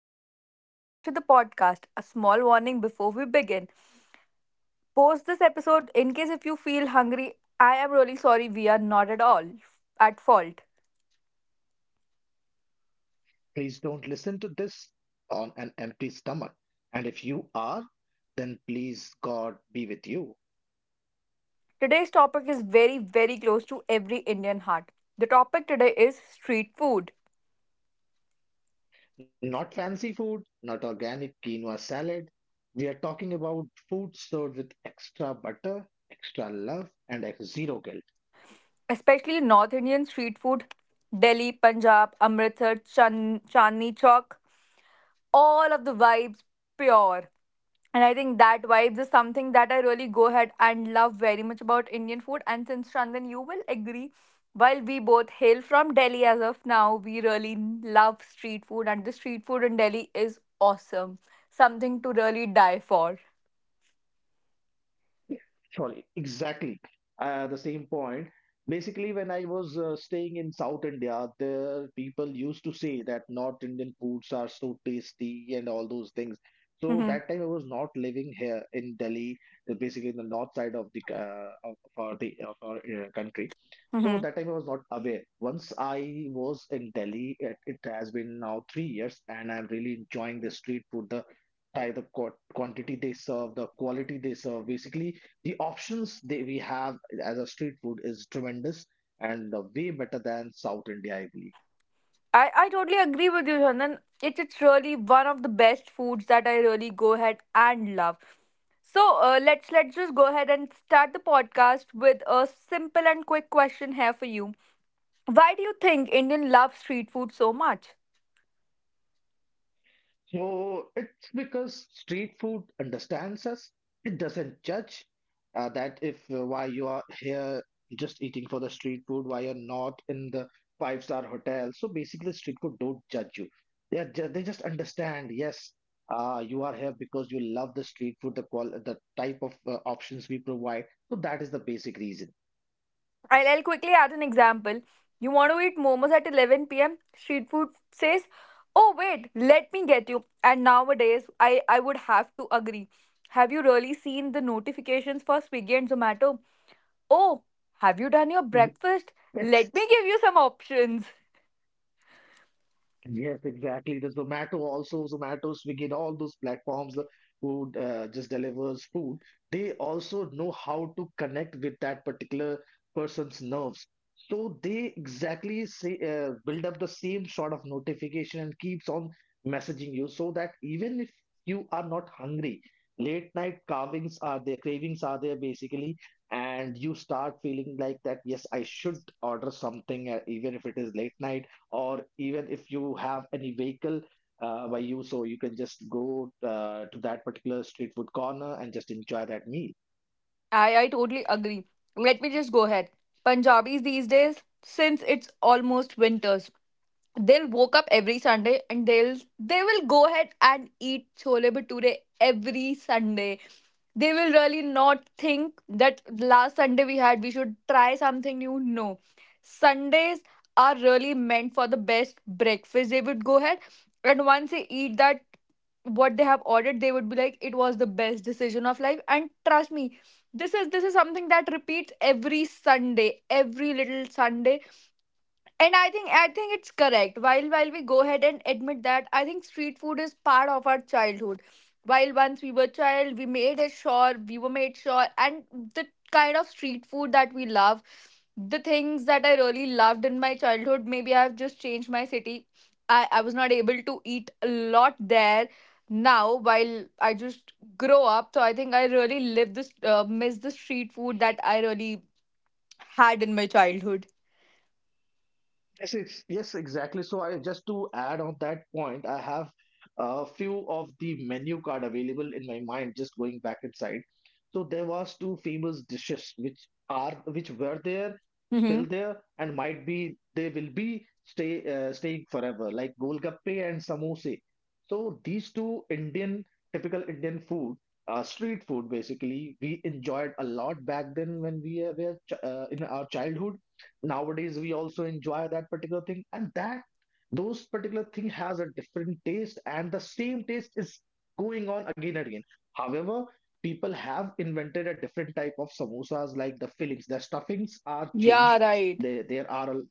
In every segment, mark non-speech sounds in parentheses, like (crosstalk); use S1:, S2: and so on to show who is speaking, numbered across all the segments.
S1: Hello, hello. Welcome back to the podcast. A small warning before we begin. Post this episode in case if you feel hungry. I am really sorry we are not at all at fault.
S2: Please don't listen to this on an empty stomach. And if you are, then please God be with you.
S1: Today's topic is very very close to every Indian heart. The topic today is street food,
S2: Not fancy food, not organic quinoa salad. We are talking about food served with extra butter, extra love, and zero guilt.
S1: especially North Indian street food. Delhi, Punjab, Amritsar, Chandni Chowk, all of the vibes pure. And I think that vibes is something that I really go ahead and love very much about Indian food. And since Chandan, you will agree, while we both hail from Delhi as of now, we really love street food, and the street food in Delhi is awesome. Something to really die for.
S2: Sorry, exactly. The same point. Basically, when I was staying in South India, the people used to say that North Indian foods are so tasty and all those things. So
S1: Mm-hmm.
S2: that time I was not living here in Delhi, basically in the north side of the of our country. So
S1: Mm-hmm.
S2: that time I was not aware. Once I was in Delhi, it has been now 3 years, and I'm really enjoying the street food, the by the quantity they serve, the quality they serve. Basically, the options they we have as a street food is tremendous and way better than South India, I believe.
S1: I totally agree with you, Chandan. It's really one of the best foods that I really go ahead and love. So let's just go ahead and start the podcast with a simple and quick question here for you. Why do you think Indian love street food so much?
S2: So it's because street food understands us. It doesn't judge that if why you are here just eating for the street food, why you're not in the five-star hotel. So basically, street food don't judge you. They just understand. Yes, you are here because you love the street food, the qual the type of options we provide. So that is the basic reason.
S1: I'll quickly add an example. You want to eat momos at 11 p.m. Street food says, "Oh wait, let me get you." And nowadays, I would have to agree. Have you really seen the notifications for Swiggy and Zomato? Oh, have you done your
S2: Mhm.
S1: breakfast? Let
S2: (laughs)
S1: me give you some options.
S2: Yes, exactly. The Zomato also, Zomato, Swiggy, and all those platforms who just delivers food, they also know how to connect with that particular person's nerves. So they exactly say build up the same sort of notification and keeps on messaging you so that even if you are not hungry, late night carvings are there, cravings are there basically, and you start feeling like that, yes, I should order something, even if it is late night or even if you have any vehicle by you so you can just go to that particular street food corner and just enjoy that meal.
S1: I totally agree. Let me just go ahead. Punjabis these days, since it's almost winter, they'll woke up every sunday and they will go ahead and eat chole bhature every sunday. They will really not think that last sunday we should try something new. No, sundays are really meant for the best breakfast. They would go ahead and once they eat that what they have ordered, they would be like it was the best decision of life. And trust me, this is something that repeats every sunday, every little sunday. And I think it's correct. While we go ahead and admit that, I think street food is part of our childhood. While once we were child, we were made sure, and the kind of street food that we love, the things that I really loved in my childhood. Maybe I've just changed my city. I was not able to eat a lot there now. While I just grow up, so I think I really live this miss the street food that I really had in my childhood.
S2: Yes, exactly. So I just to add on that point, I have a few of the menu card available in my mind, just going back inside. So there was two famous dishes which were there,
S1: Mm-hmm.
S2: still there, and might be they will be staying forever, like golgappe and samosa. So these two Indian typical Indian food, street food basically, we enjoyed a lot back then when we were in our childhood. Nowadays we also enjoy that particular thing, and that those particular thing has a different taste and the same taste is going on again and again. However, people have invented a different type of samosas, like the fillings, the stuffings are
S1: Yeah,
S2: changed.
S1: right.
S2: They there are a-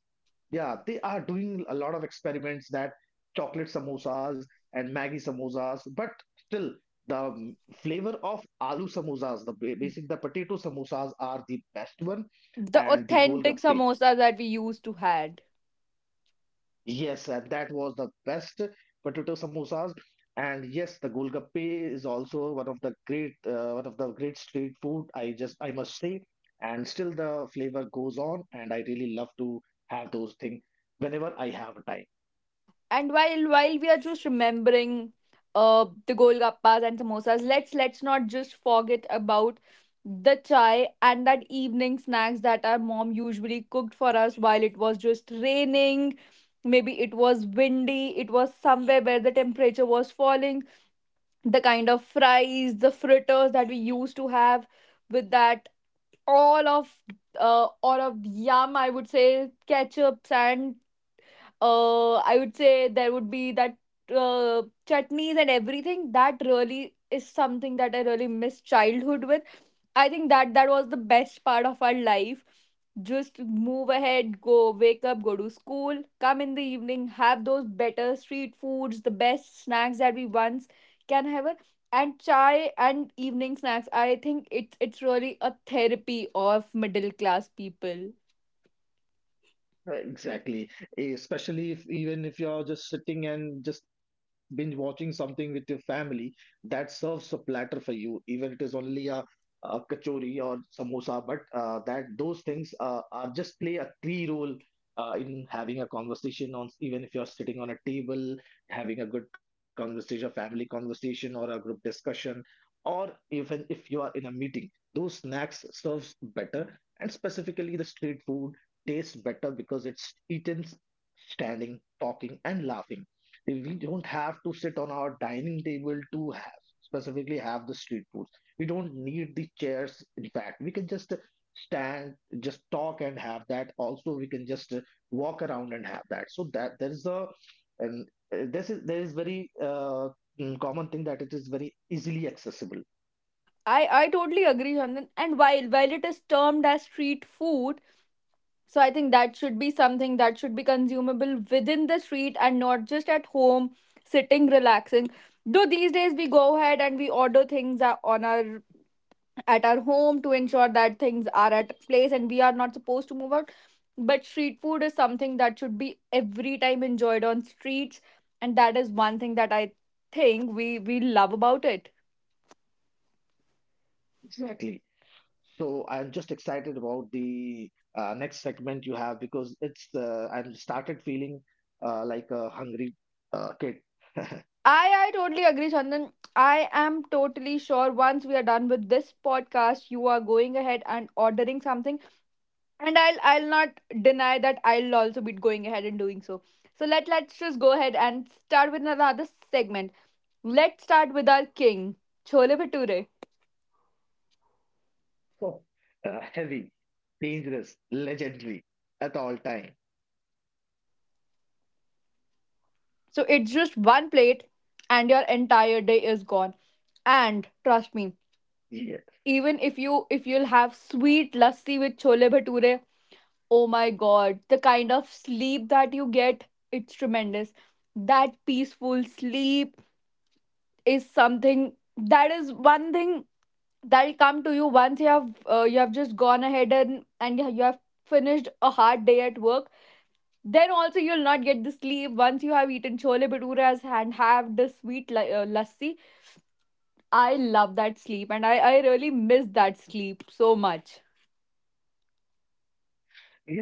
S2: Yeah, they are doing a lot of experiments, that chocolate samosas and maggie samosas, but still the flavor of aloo samosas, the basic, the potato samosas are the best one.
S1: The
S2: And the
S1: authentic
S2: golgappe.
S1: samosas that we used to had.
S2: Yes, that was the best potato samosas. And yes, the Golgappe is also one of the great street food, I just I must say, and still the flavor goes on, and I really love to have those things whenever I have time.
S1: And while we are just remembering the golgappas and samosas, let's not just forget about the chai and that evening snacks that our mom usually cooked for us while it was just raining. Maybe it was windy, it was somewhere where the temperature was falling. The kind of fries, the fritters that we used to have with that, all of all of yum, I would say, ketchups and, I would say there would be that uh, chutneys and everything. That really is something that I really miss childhood with. I think that was the best part of our life. Just move ahead, go wake up, go to school, come in the evening, have those better street foods, the best snacks that we once can have it. And chai and evening snacks. I think it's really a therapy of middle class people.
S2: Exactly. Especially if even if you're just sitting and just binge watching something with your family, that serves a platter for you. Even it is only a kachori or samosa, but that those things are just play a key role in having a conversation on, even if you're sitting on a table, having a good conversation, family conversation or a group discussion, or even if you are in a meeting, those snacks serves better. And specifically the street food tastes better because it's eaten standing, talking, and laughing. We don't have to sit on our dining table to have specifically have the street foods. We don't need the chairs. In fact, we can just stand, just talk, and have that. Also, we can just walk around and have that. So that there is a and this is there is very common thing that it is very easily accessible.
S1: I totally agree, Chandan. And while it is termed as street food, so I think that should be something that should be consumable within the street and not just at home, sitting relaxing. Though these days we go ahead and we order things on our at our home to ensure that things are at place and we are not supposed to move out. But street food is something that should be every time enjoyed on streets, and that is one thing that I think we love about it.
S2: Exactly. So I'm just excited about the next segment you have because it's I'm started feeling like a hungry kid. (laughs)
S1: I totally agree, Chandan. I am totally sure once we are done with this podcast, you are going ahead and ordering something. And I'll not deny that I'll also be going ahead and doing so. So let's just go ahead and start with another segment. Let's start with our king, Chole Bhature.
S2: So heavy, dangerous, legendary at all time.
S1: So it's just one plate and your entire day is gone. And trust me, even if you if you'll have sweet lassi with chole bhature, oh my god, the kind of sleep that you get, it's tremendous. That peaceful sleep is something that is one thing that'll come to you once you have just gone ahead and you have finished a hard day at work. Then also you'll not get the sleep once you have eaten chole bhaturas and have the sweet lassi. I love that sleep and I really miss that sleep so much.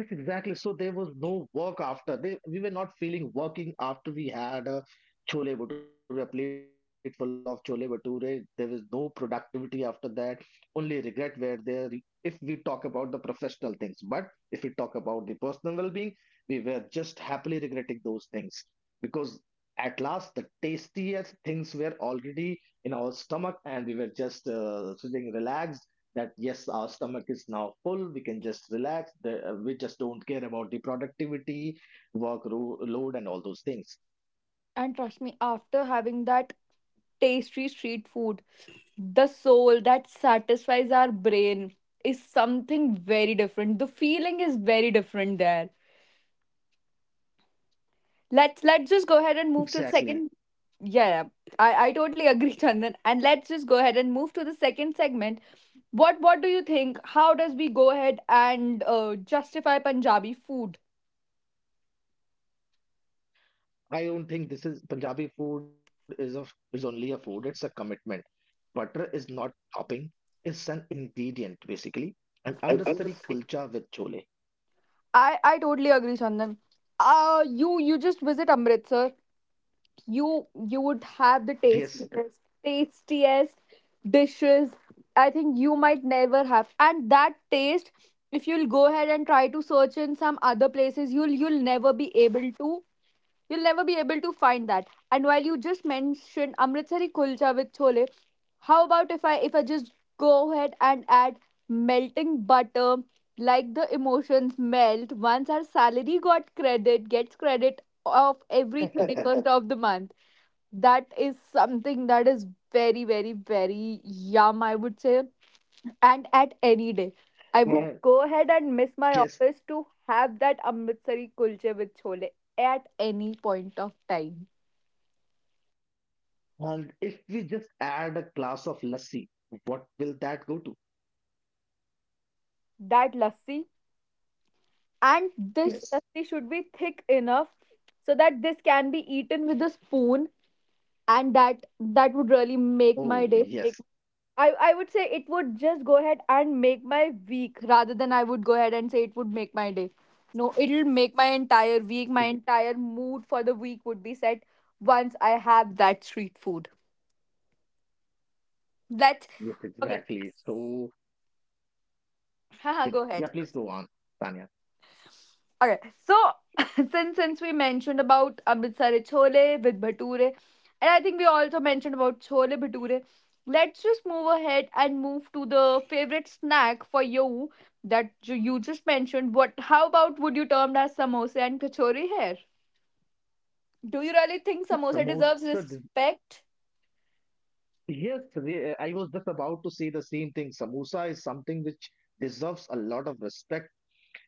S2: Yes, exactly. So there was no work after. We were not feeling working after we had a chole bhature, a plate full of chole bhature. There was no productivity after that. Only regret were there if we talk about the professional things. But if we talk about the personal well-being, we were just happily regretting those things because at last the tastiest things were already in our stomach, and we were just sitting relaxed, that yes, our stomach is now full, we can just relax. We just don't care about the productivity, load and all those things.
S1: And trust me, after having that tasty street food, the soul that satisfies our brain is something very different. The feeling is very different there. Let's just go ahead and move to the second.
S2: Exactly.
S1: Yeah, yeah. I totally (laughs) agree, Chandan, and let's just go ahead and move to the second segment. What do you think, how does we go ahead and justify punjabi food?
S2: I don't think this is, Punjabi food is, of is only a food. It's a commitment. Butter is not topping, it's an ingredient basically. An amritsari kulcha with chole.
S1: I totally agree, Chandan. You just visit Amritsar, you would have the
S2: Yes.
S1: tastiest dishes I think you might never have. And that taste, if you'll go ahead and try to search in some other places, you'll never be able to, you'll never be able to find that. And while you just mentioned amritsari kulcha with chole, how about if I just go ahead and add melting butter, like the emotions melt once our salary got credit gets credit of every 31st of the month. That is something that is very yum, I would say, and at any day I would go
S2: uh,
S1: ahead and miss my office
S2: yes
S1: to have that amritsari kulche with chole at any point of time.
S2: and if we just add a glass of lassi, what will that go to?
S1: That lassi, and this lassi should
S2: Yes.
S1: be thick enough so that this can be eaten with a spoon, and that would really
S2: Oh
S1: make my
S2: yes.
S1: day, make, I would say, it would just go ahead and make my week, rather than I would go ahead and say it would make my day. No, it'll make my entire week, my entire mood for the week would be set once I have that street food. That's
S2: Yes,
S1: okay.
S2: exactly. So
S1: (laughs) Haha,
S2: yeah,
S1: go
S2: yeah,
S1: ahead.
S2: please go on, Tanya.
S1: Okay, so (laughs) since we mentioned about Amritsari chole with bhature, and I think we also mentioned about chole bhature, let's just move ahead and move to the favorite snack for you that you just mentioned. What? How about would you term as samosa and kachori here? Do you really think
S2: The
S1: samosa deserves
S2: samosa, des-
S1: respect?
S2: I was just about to say the same thing. Samosa is something which deserves a lot of respect.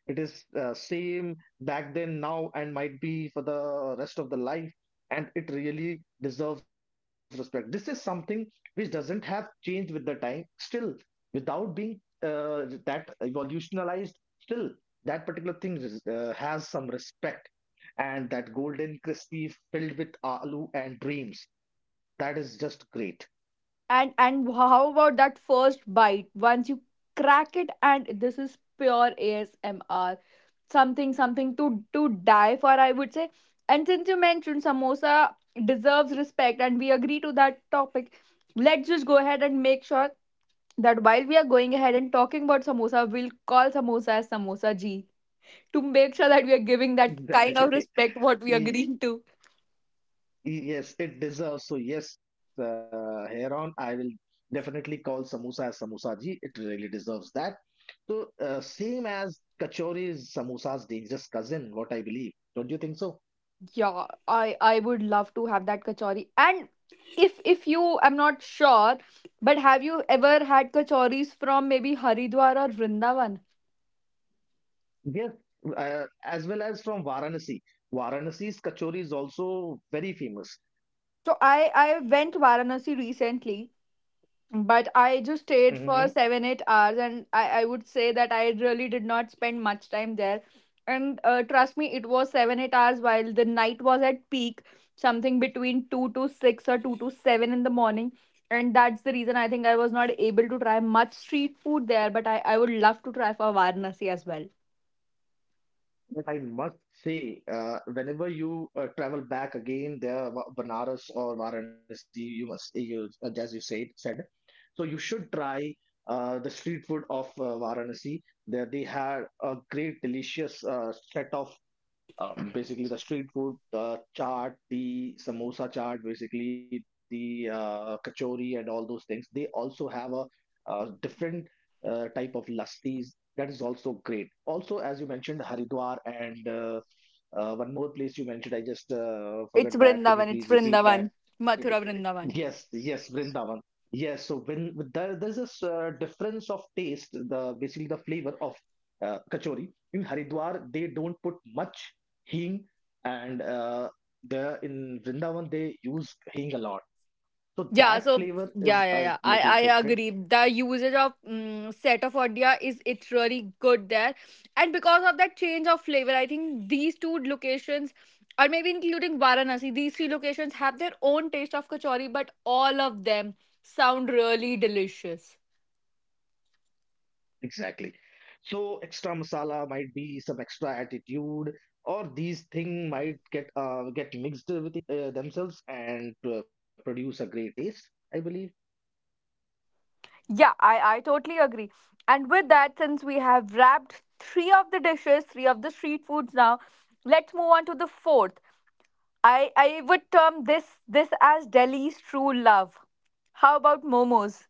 S2: It is same back then, now, and might be for the rest of the life, and it really deserves respect. This is something which doesn't have changed with the time, still without being uh, that evolutionalized. Still that particular thing is, has some respect. And that golden crispy filled with aloo and dreams, that is just great.
S1: And how about that first bite? Once you crack it, and this is pure ASMR, something to die for, I would say. And since you mentioned samosa deserves respect and we agree to that topic, let's just go ahead and make sure that while we are going ahead and talking about samosa, we'll call samosa as samosa ji, to make sure that we are giving
S2: (laughs)
S1: that kind of
S2: Exactly.
S1: respect what we agreed to.
S2: Yes, it deserves. So yes, here on, I will definitely call samosa as samosa ji. It really deserves that. So same as, kachori is samosa's dangerous cousin, what I believe. Don't you think so?
S1: Yeah, I would love to have that kachori. And if you, I'm not sure, but have you ever had kachoris from maybe Haridwar or Vrindavan?
S2: Yes, as well as from Varanasi. Varanasi's kachori is also very famous.
S1: So I went to Varanasi recently, but I just stayed
S2: Hmm.
S1: for 7-8 hours, and I would say that I really did not spend much time there. And trust me, it was 7-8 hours while the night was at peak, something between two to six or two to seven in the morning. And that's the reason I think I was not able to try much street food there, but I would love to try for Varanasi as well.
S2: But I must say, whenever you travel back again there, Banaras or Varanasi, you must, you, as you said, said, so you should try the street food of Varanasi. There they had a great, delicious set of basically the street food, the chaat, the samosa chaat, basically the kachori and all those things. They also have a, different type of lassis, that is also great. Also, as you mentioned, Haridwar and one more place you mentioned, I just forgot
S1: It's
S2: that. Can you
S1: Vrindavan, it's
S2: please repeat that?
S1: Vrindavan. Mathura
S2: Yes,
S1: Vrindavan.
S2: yes, Vrindavan. Yes, so when there, there's this difference of taste, the basically the flavor of kachori. In Haridwar, they don't put much hing, and the in Vrindavan they use hing a lot. So that
S1: Yeah,
S2: flavor
S1: so
S2: is a
S1: yeah, yeah, yeah.
S2: little
S1: I
S2: different.
S1: agree. The usage of mm set of India is it's really good there, and because of that change of flavor, I think these two locations, or maybe including Varanasi, these three locations have their own taste of kachori, but all of them sound really delicious.
S2: Exactly. So extra masala might be some extra attitude, or these thing might get mixed with it, themselves, and produce a great taste, I believe.
S1: Yeah, I totally agree. And with that, since we have wrapped three of the dishes, three of the street foods now, let's move on to the fourth. I would term this as Delhi's true love. How about momos?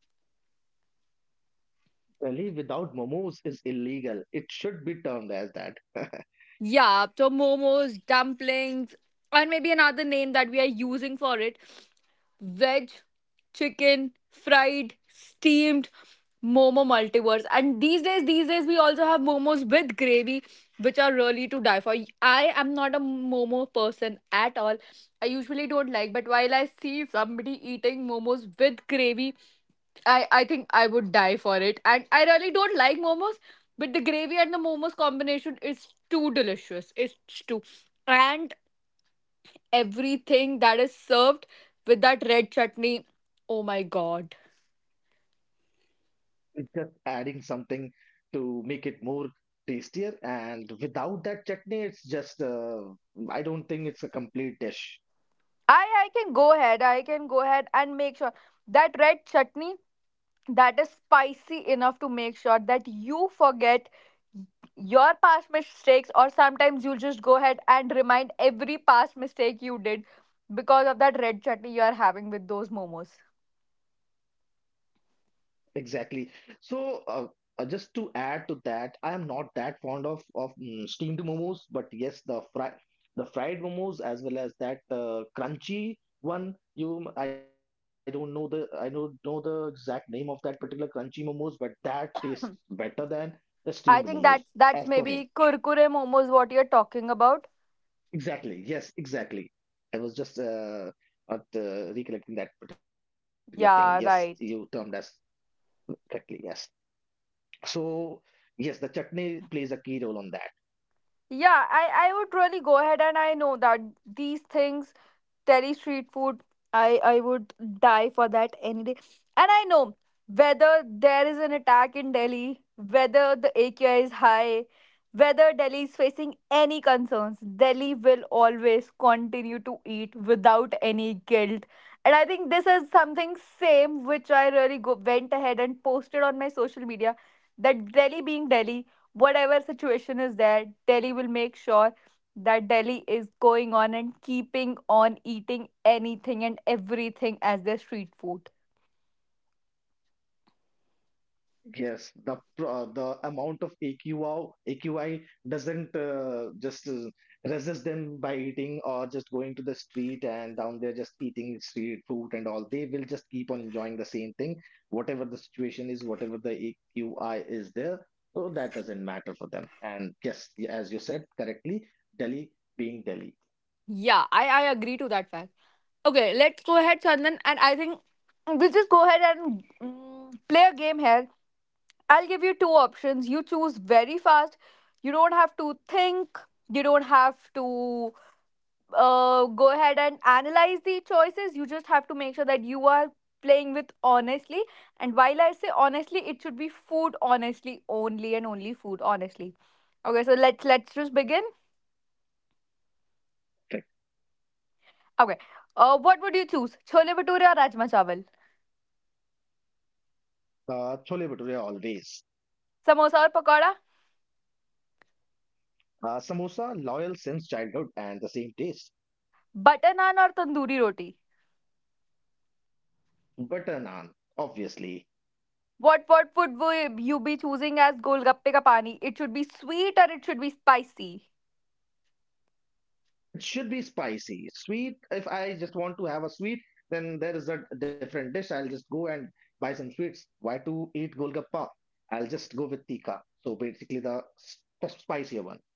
S2: Really, without momos is illegal. It should be termed as that. (laughs)
S1: Yeah, so momos, dumplings, and maybe another name that we are using for it, veg, chicken, fried, steamed, momo multiverse. And these days, we also have momos with gravy, which are really to die for. I am not a momo person at all. I usually don't like, but while I see somebody eating momos with gravy, I think I would die for it. And I really don't like momos, but the gravy and the momos combination is too delicious. It's too and everything that is served with that red chutney. Oh my god.
S2: It's just adding something to make it more tastier. And without that chutney, it's just, I don't think it's a complete dish.
S1: I can go ahead. I can go ahead and make sure that red chutney that is spicy enough to make sure that you forget your past mistakes, or sometimes you'll just go ahead and remind every past mistake you did because of that red chutney you are having with those momos.
S2: Exactly. So, just to add to that, I am not that fond of steamed momos, but yes, the fried momos as well as that crunchy one. I don't know the, I don't know the exact name of that particular crunchy momos, but that tastes better
S1: (clears throat)
S2: than the steamed momos,
S1: I think (laughs) that's
S2: as per
S1: that's
S2: me.
S1: maybe kurkure momos what you're talking about.
S2: Exactly. Yes, exactly. I was just not recollecting that particular thing. Yes, you
S1: Yeah,
S2: termed as
S1: right.
S2: correctly. Yes. So, yes, the chutney plays a key role on that.
S1: Yeah, I would really go ahead, and I know that these things, Delhi street food, I would die for that any day. And I know, whether there is an attack in Delhi, whether the AQI is high, whether Delhi is facing any concerns, Delhi will always continue to eat without any guilt. And I think this is something same which I really go, went ahead and posted on my social media that Delhi being Delhi, whatever situation is there, Delhi will make sure that Delhi is going on and keeping on eating anything and everything as their street food.
S2: Yes, the amount of AQI, AQI doesn't just resist them by eating or just going to the street and down there just eating street food and all. They will just keep on enjoying the same thing, whatever the situation is, whatever the AQI is there. So that doesn't matter for them. And yes, as you said correctly, Delhi being Delhi.
S1: Yeah, I agree to that fact. Okay, let's go ahead, Chandan. And I think we'll just go ahead and play a game here. I'll give you two options. You choose very fast. You don't have to think. You don't have to go ahead and analyze the choices. You just have to make sure that you are playing with honestly. And while I say honestly, it should be food honestly, only and only food honestly. Okay, so let's just begin.
S2: Correct.
S1: Okay, what would you choose? Chole bhature or rajma chawal?
S2: Chole bhature always.
S1: Samosa or pakora?
S2: Samosa loyal since childhood and the same taste.
S1: Butter naan or tandoori roti?
S2: Butter naan, obviously.
S1: What would wo- you be choosing as golgappe ka pani? It should be sweet or it should be spicy?
S2: It should be spicy. Sweet, if I just want to have a sweet, then there is a different dish. I'll just go and buy some sweets. Why to eat golgappa? I'll just go with tikka. So basically, the spicier one.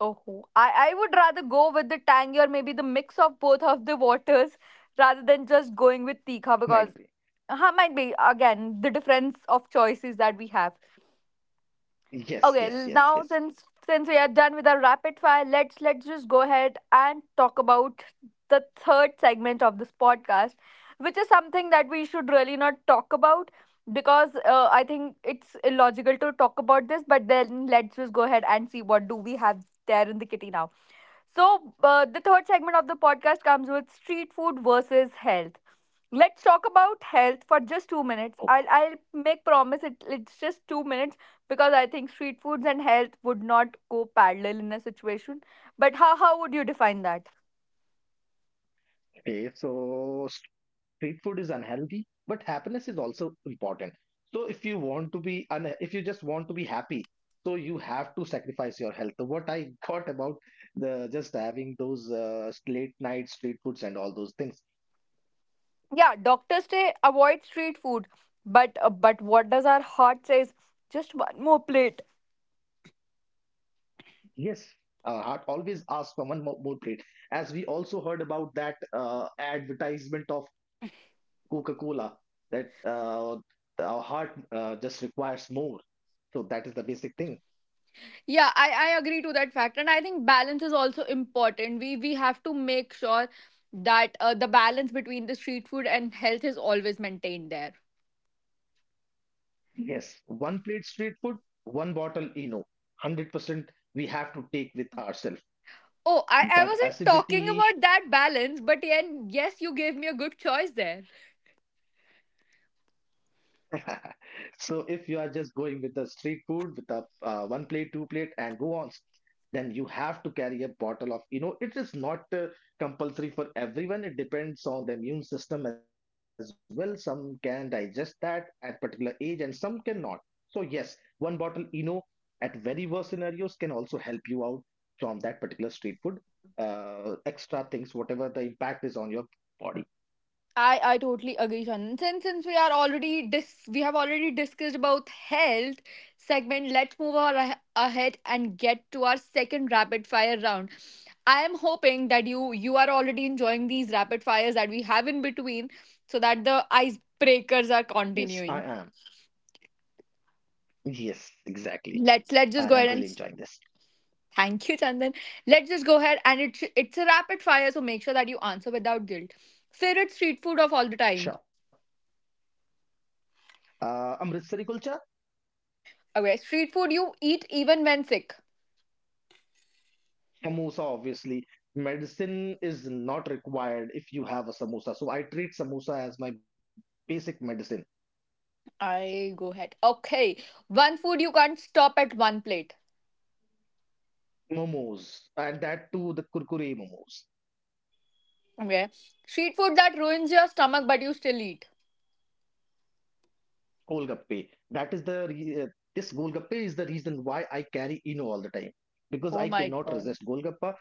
S1: Oh, I would rather go with the tangy, or maybe the mix of both of the waters (laughs) rather than just going with tikha,
S2: Might
S1: because
S2: be.
S1: might be again the difference of choices that we have. Okay,
S2: Yes, yes, yes,
S1: now
S2: yes.
S1: since we are done with our rapid fire, let's just go ahead and talk about the third segment of this podcast, which is something that we should really not talk about because I think it's illogical to talk about this. But then let's just go ahead and see what do we have there in the kitty now. So, the third segment of the podcast comes with street food versus health. Let's talk about health for just 2 minutes. I'll make promise it's just 2 minutes, because I think street foods and health would not go parallel in a situation. But how would you define that?
S2: Okay, so street food is unhealthy, but happiness is also important. So if you want to if you just want to be happy, so you have to sacrifice your health. So What I (laughs) got about the just having those late night street foods and all those things.
S1: Yeah, doctors say avoid street food, but what does our heart says? Just one more plate.
S2: Yes, heart always asks for one more plate. As we also heard about that advertisement of Coca-Cola that our heart just requires more. So that is the basic thing.
S1: Yeah, I agree to that fact. And I think balance is also important. We have to make sure that the balance between the street food and health is always maintained there.
S2: Yes, one plate street food, one bottle Eno. 100% we have to take with ourselves.
S1: Oh, I
S2: That
S1: wasn't talking
S2: acidity.
S1: about that balance, but yeah, yes, you gave me a good choice there.
S2: (laughs) So if you are just going with the street food with a one plate, two plate, and go on, then you have to carry a bottle of, it is not compulsory for everyone. It depends on the immune system as well. Some can digest that at particular age, and some cannot. So yes, one bottle, at very worst scenarios can also help you out from that particular street food. Extra things, whatever the impact is on your body.
S1: I totally agree, Shannon. Since we are already dis we have already discussed about health segment, let's move on ahead and get to our second rapid fire round. I am hoping that you are already enjoying these rapid fires that we have in between, so that the
S2: Yes, I
S1: icebreakers are
S2: am.
S1: continuing.
S2: Yes, exactly. I am
S1: Let's
S2: really
S1: let's just go
S2: enjoying
S1: ahead
S2: this.
S1: and thank you, Chandan. Let's just go ahead and it's a rapid fire, so make sure that you answer without guilt. Favorite street food of all the time.
S2: Sure. Amrit Kulcha,
S1: Okay, street food you eat even when sick.
S2: samosa, obviously. Medicine is not required if you have a samosa. So I treat samosa as my basic medicine.
S1: I go ahead. Okay. One food you can't stop at one plate.
S2: Momos, and that too, the kurkure momos,
S1: Okay. Street food that ruins your stomach but you still eat.
S2: golgappe. That is the, re- this golgappe is the reason why I carry Eno all the time because
S1: Oh
S2: I
S1: my
S2: cannot
S1: god.
S2: resist golgappa.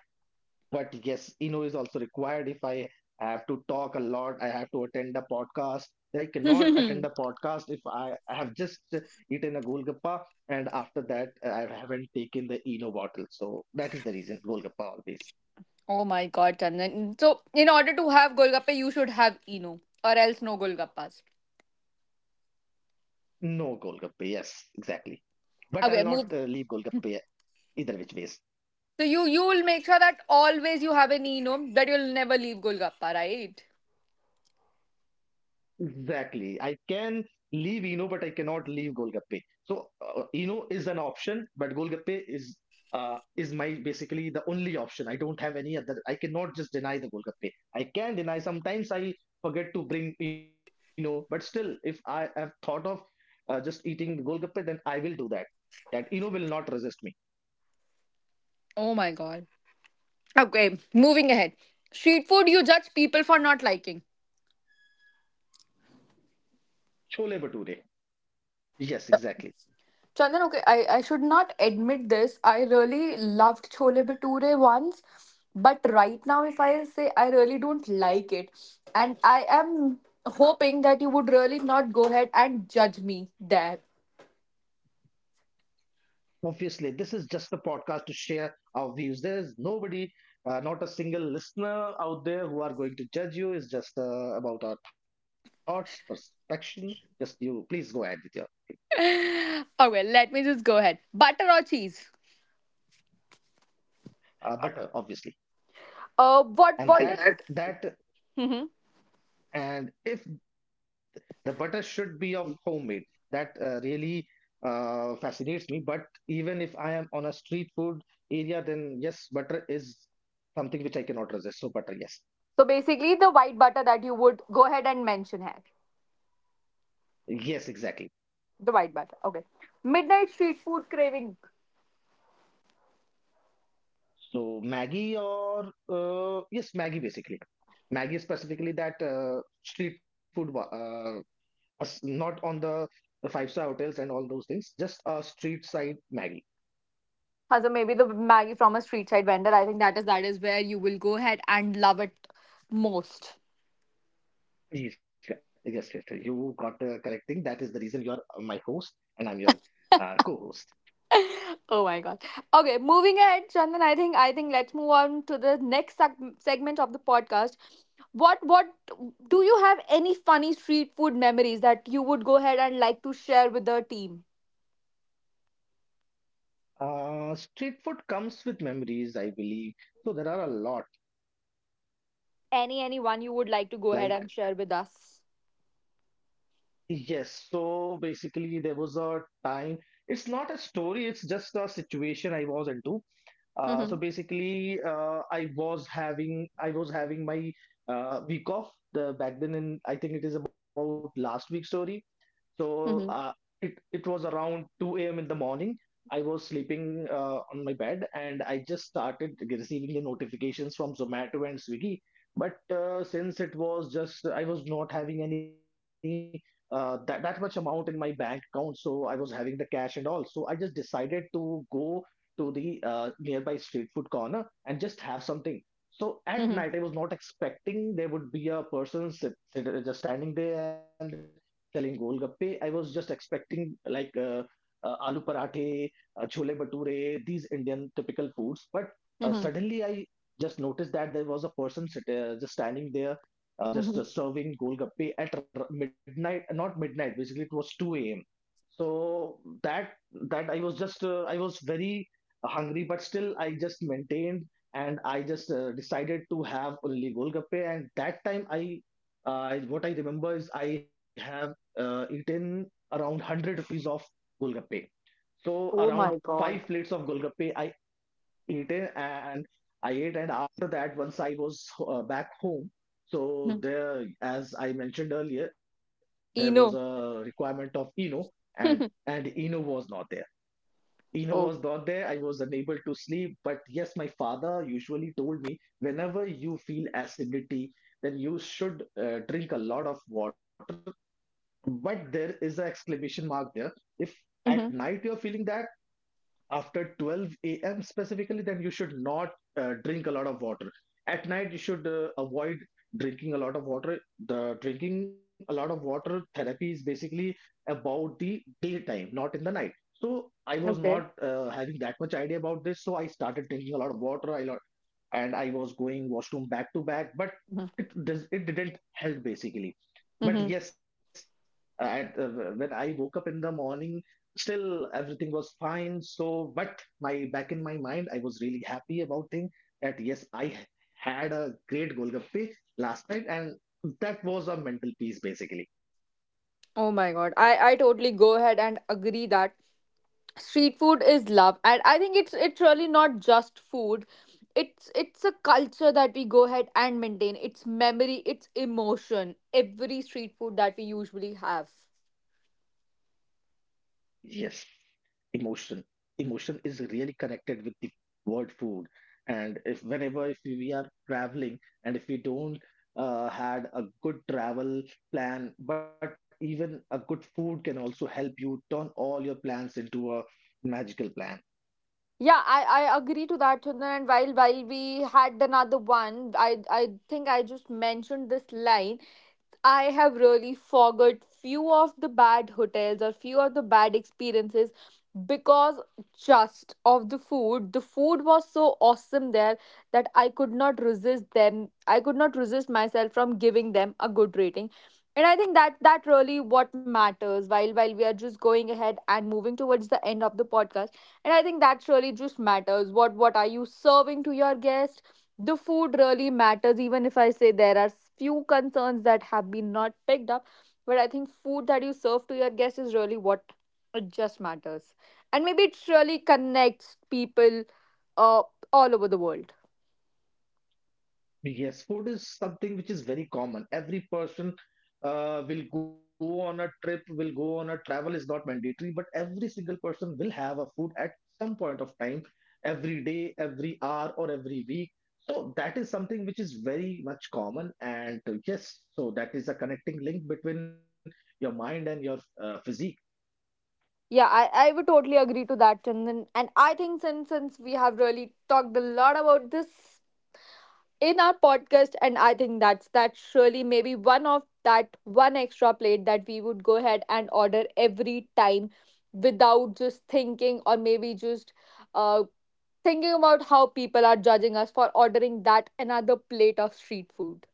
S2: But yes, Eno is also required. If I have to talk a lot, I have to attend a podcast, then I cannot attend a
S1: (laughs)
S2: podcast if I have just eaten a Golgappa, and after that I haven't taken the Eno bottle. So that is the reason Golgappa always.
S1: Oh my god, Chandan. So in order to have golgappe, you should have Eno. Or else no golgappas.
S2: No Golgappa, yes, exactly. But I'll not
S1: Okay,
S2: leave
S1: move.
S2: Golgappa either which ways.
S1: So you will make sure that always you have an Eno, that you'll never leave golgappa, right?
S2: Exactly. I can leave Eno, but I cannot leave Golgappe. So Eno is an option, but Golgappe is my basically the only option. I don't have any other. I cannot just deny the Golgappe. I can deny. Sometimes I forget to bring Eno, but still, if I have thought of just eating the Golgappe, then I will do that. That Eno will not resist me.
S1: Oh my god. Okay, moving ahead. Street food you judge people for not liking.
S2: Chole Bhature. Yes, exactly.
S1: Chandan, okay, I should not admit this. I really loved Chole Bhature once, but right now, if I say I really don't like it, and I am hoping that you would really not go ahead and judge me there.
S2: Obviously, this is just the podcast to share our views. There's nobody, not a single listener out there who are going to judge you. It's just about our thoughts, perception. Just you, please go ahead with your
S1: (laughs) Okay, let me just go ahead. Butter or cheese?
S2: butter, obviously.
S1: What is?
S2: And that, that,
S1: Hmm.
S2: and if the butter should be of homemade, that really fascinates me. But even if I am on a street food area, then yes, butter is something which I cannot resist. So, butter, yes.
S1: (laughs) So basically, the white butter that you would go ahead and mention here,
S2: Yes, exactly.
S1: the white butter. Okay, midnight street food craving.
S2: So Maggie or yes, Maggie basically. Maggie specifically that street food, wa- us- not on the five-star hotels and all those things, just a street side Maggie.
S1: Huh, so maybe the Maggie from a street side vendor. I think that is where you will go ahead and love it most.
S2: Yes, yeah, yes, yes, yes. You got the correct thing. That is the reason you're my host and I'm your co-host.
S1: (laughs) Oh my god. Okay, moving ahead, Chandan. I think let's move on to the next segment of the podcast. What do you have any funny street food memories that you would go ahead and like to share with the team?
S2: Street food comes with memories, I believe. So there are a lot.
S1: Any one you would like to go ahead and
S2: Like
S1: share with us?
S2: yes, so basically there was a time. It's not a story. It's just a situation I was into.
S1: Mhm.
S2: I was having my week off the back then, and I think it is about last week's story. So uh,
S1: Mhm.
S2: it was around 2 a.m. in the morning. I was sleeping on my bed, and I just started receiving the notifications from Zomato and Swiggy. But since it was just I was not having any that that much amount in my bank account, so I was having the cash and all. So I just decided to go to the nearby street food corner and just have something. So at night, I
S1: Mhm.
S2: was not expecting there would be a person just standing there and selling golgappe. I was just expecting like aloo parathe, chole Bhature, these Indian typical foods. But
S1: Mhm.
S2: suddenly I just noticed that there was a person just standing there,
S1: Mhm.
S2: just serving golgappe at midnight. Not midnight. Basically, it was two a.m. So that I was just I was very hungry, but still I just maintained and I just decided to have only golgappe. And that time I what I remember is I have eaten around 100 rupees of golgappe. So
S1: Oh
S2: around
S1: my
S2: five
S1: god.
S2: plates of golgappe I ate it, and I ate, and after that once I was back home. So
S1: Mhm.
S2: there, as I mentioned earlier, there was a
S1: Eno.
S2: requirement of Eno, and
S1: (laughs)
S2: Eno was not there. Eno was
S1: Oh.
S2: not there. I was unable to sleep. But yes, my father usually told me whenever you feel acidity, then you should drink a lot of water, but there is an exclamation mark there. If at
S1: Mhm.
S2: night you're feeling that after 12 a.m. specifically, then you should not drink a lot of water. At night, you should avoid drinking a lot of water. The drinking a lot of water therapy is basically about the daytime, not in the night. So I was not
S1: Okay.
S2: having that much idea about this. So I started drinking a lot of water, I and I was going washroom back to back, but it didn't help basically. But
S1: Mm-hmm.
S2: yes, I, uh, when I woke up in the morning, still everything was fine. So, but my back in my mind, I was really happy about thing that yes, I had a great Golgappe last night, and that was a mental peace basically.
S1: Oh my god. I totally go ahead and agree that street food is love. And I think it's really not just food. It's a culture that we go ahead and maintain. It's memory, it's emotion. Every street food that we usually have.
S2: Yes. emotion Emotion is really connected with the word food. And if whenever if we are traveling and if we don't had a good travel plan, but even a good food can also help you turn all your plans into a magical plan.
S1: Yeah, I agree to that, Chandan. And while we had another one, I think I just mentioned this line. I have really forgot few of the bad hotels or few of the bad experiences because just of the food. The food was so awesome there that I could not resist them. I could not resist myself from giving them a good rating. And I think that that really what matters, while we are just going ahead and moving towards the end of the podcast. And I think that really just matters. What are you serving to your guest? The food really matters. Even if I say there are few concerns that have been not picked up, but I think food that you serve to your guests is really what, it just matters, and maybe it really connects people, uh, all over the world.
S2: Yes, food is something which is very common. Every person will go on a trip, will go on a travel is not mandatory, but every single person will have a food at some point of time, every day, every hour, or every week. So that is something which is very much common. And yes, so that is a connecting link between your mind and your physique.
S1: Yeah, I would totally agree to that. And I think since we have really talked a lot about this in our podcast, and I think that's surely maybe one of that one extra plate that we would go ahead and order every time without just thinking, or maybe just uh thinking about how people are judging us for ordering that another plate of street food.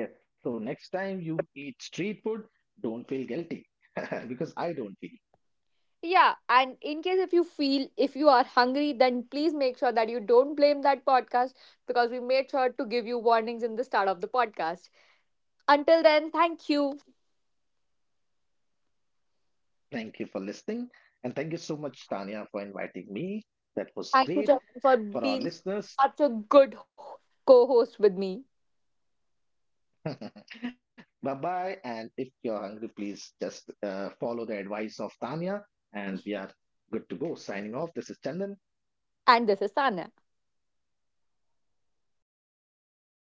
S2: Yes. So next time you eat street food, don't feel guilty (laughs) because I don't feel.
S1: Yeah, and in case if you feel, if you are hungry, then please make sure that you don't blame that podcast, because we made sure to give you warnings in the start of the podcast. Until then, thank you.
S2: Thank you for listening. And thank you so much, Tanya, for inviting me. That
S1: Thank you,
S2: was
S1: Charan,
S2: great
S1: for being
S2: for our
S1: such a
S2: listeners.
S1: good co host with me.
S2: (laughs) Bye bye. And if you're hungry, please just follow the advice of Tanya. And we are good to go. Signing off. This is Chandan.
S1: And this is Tanya.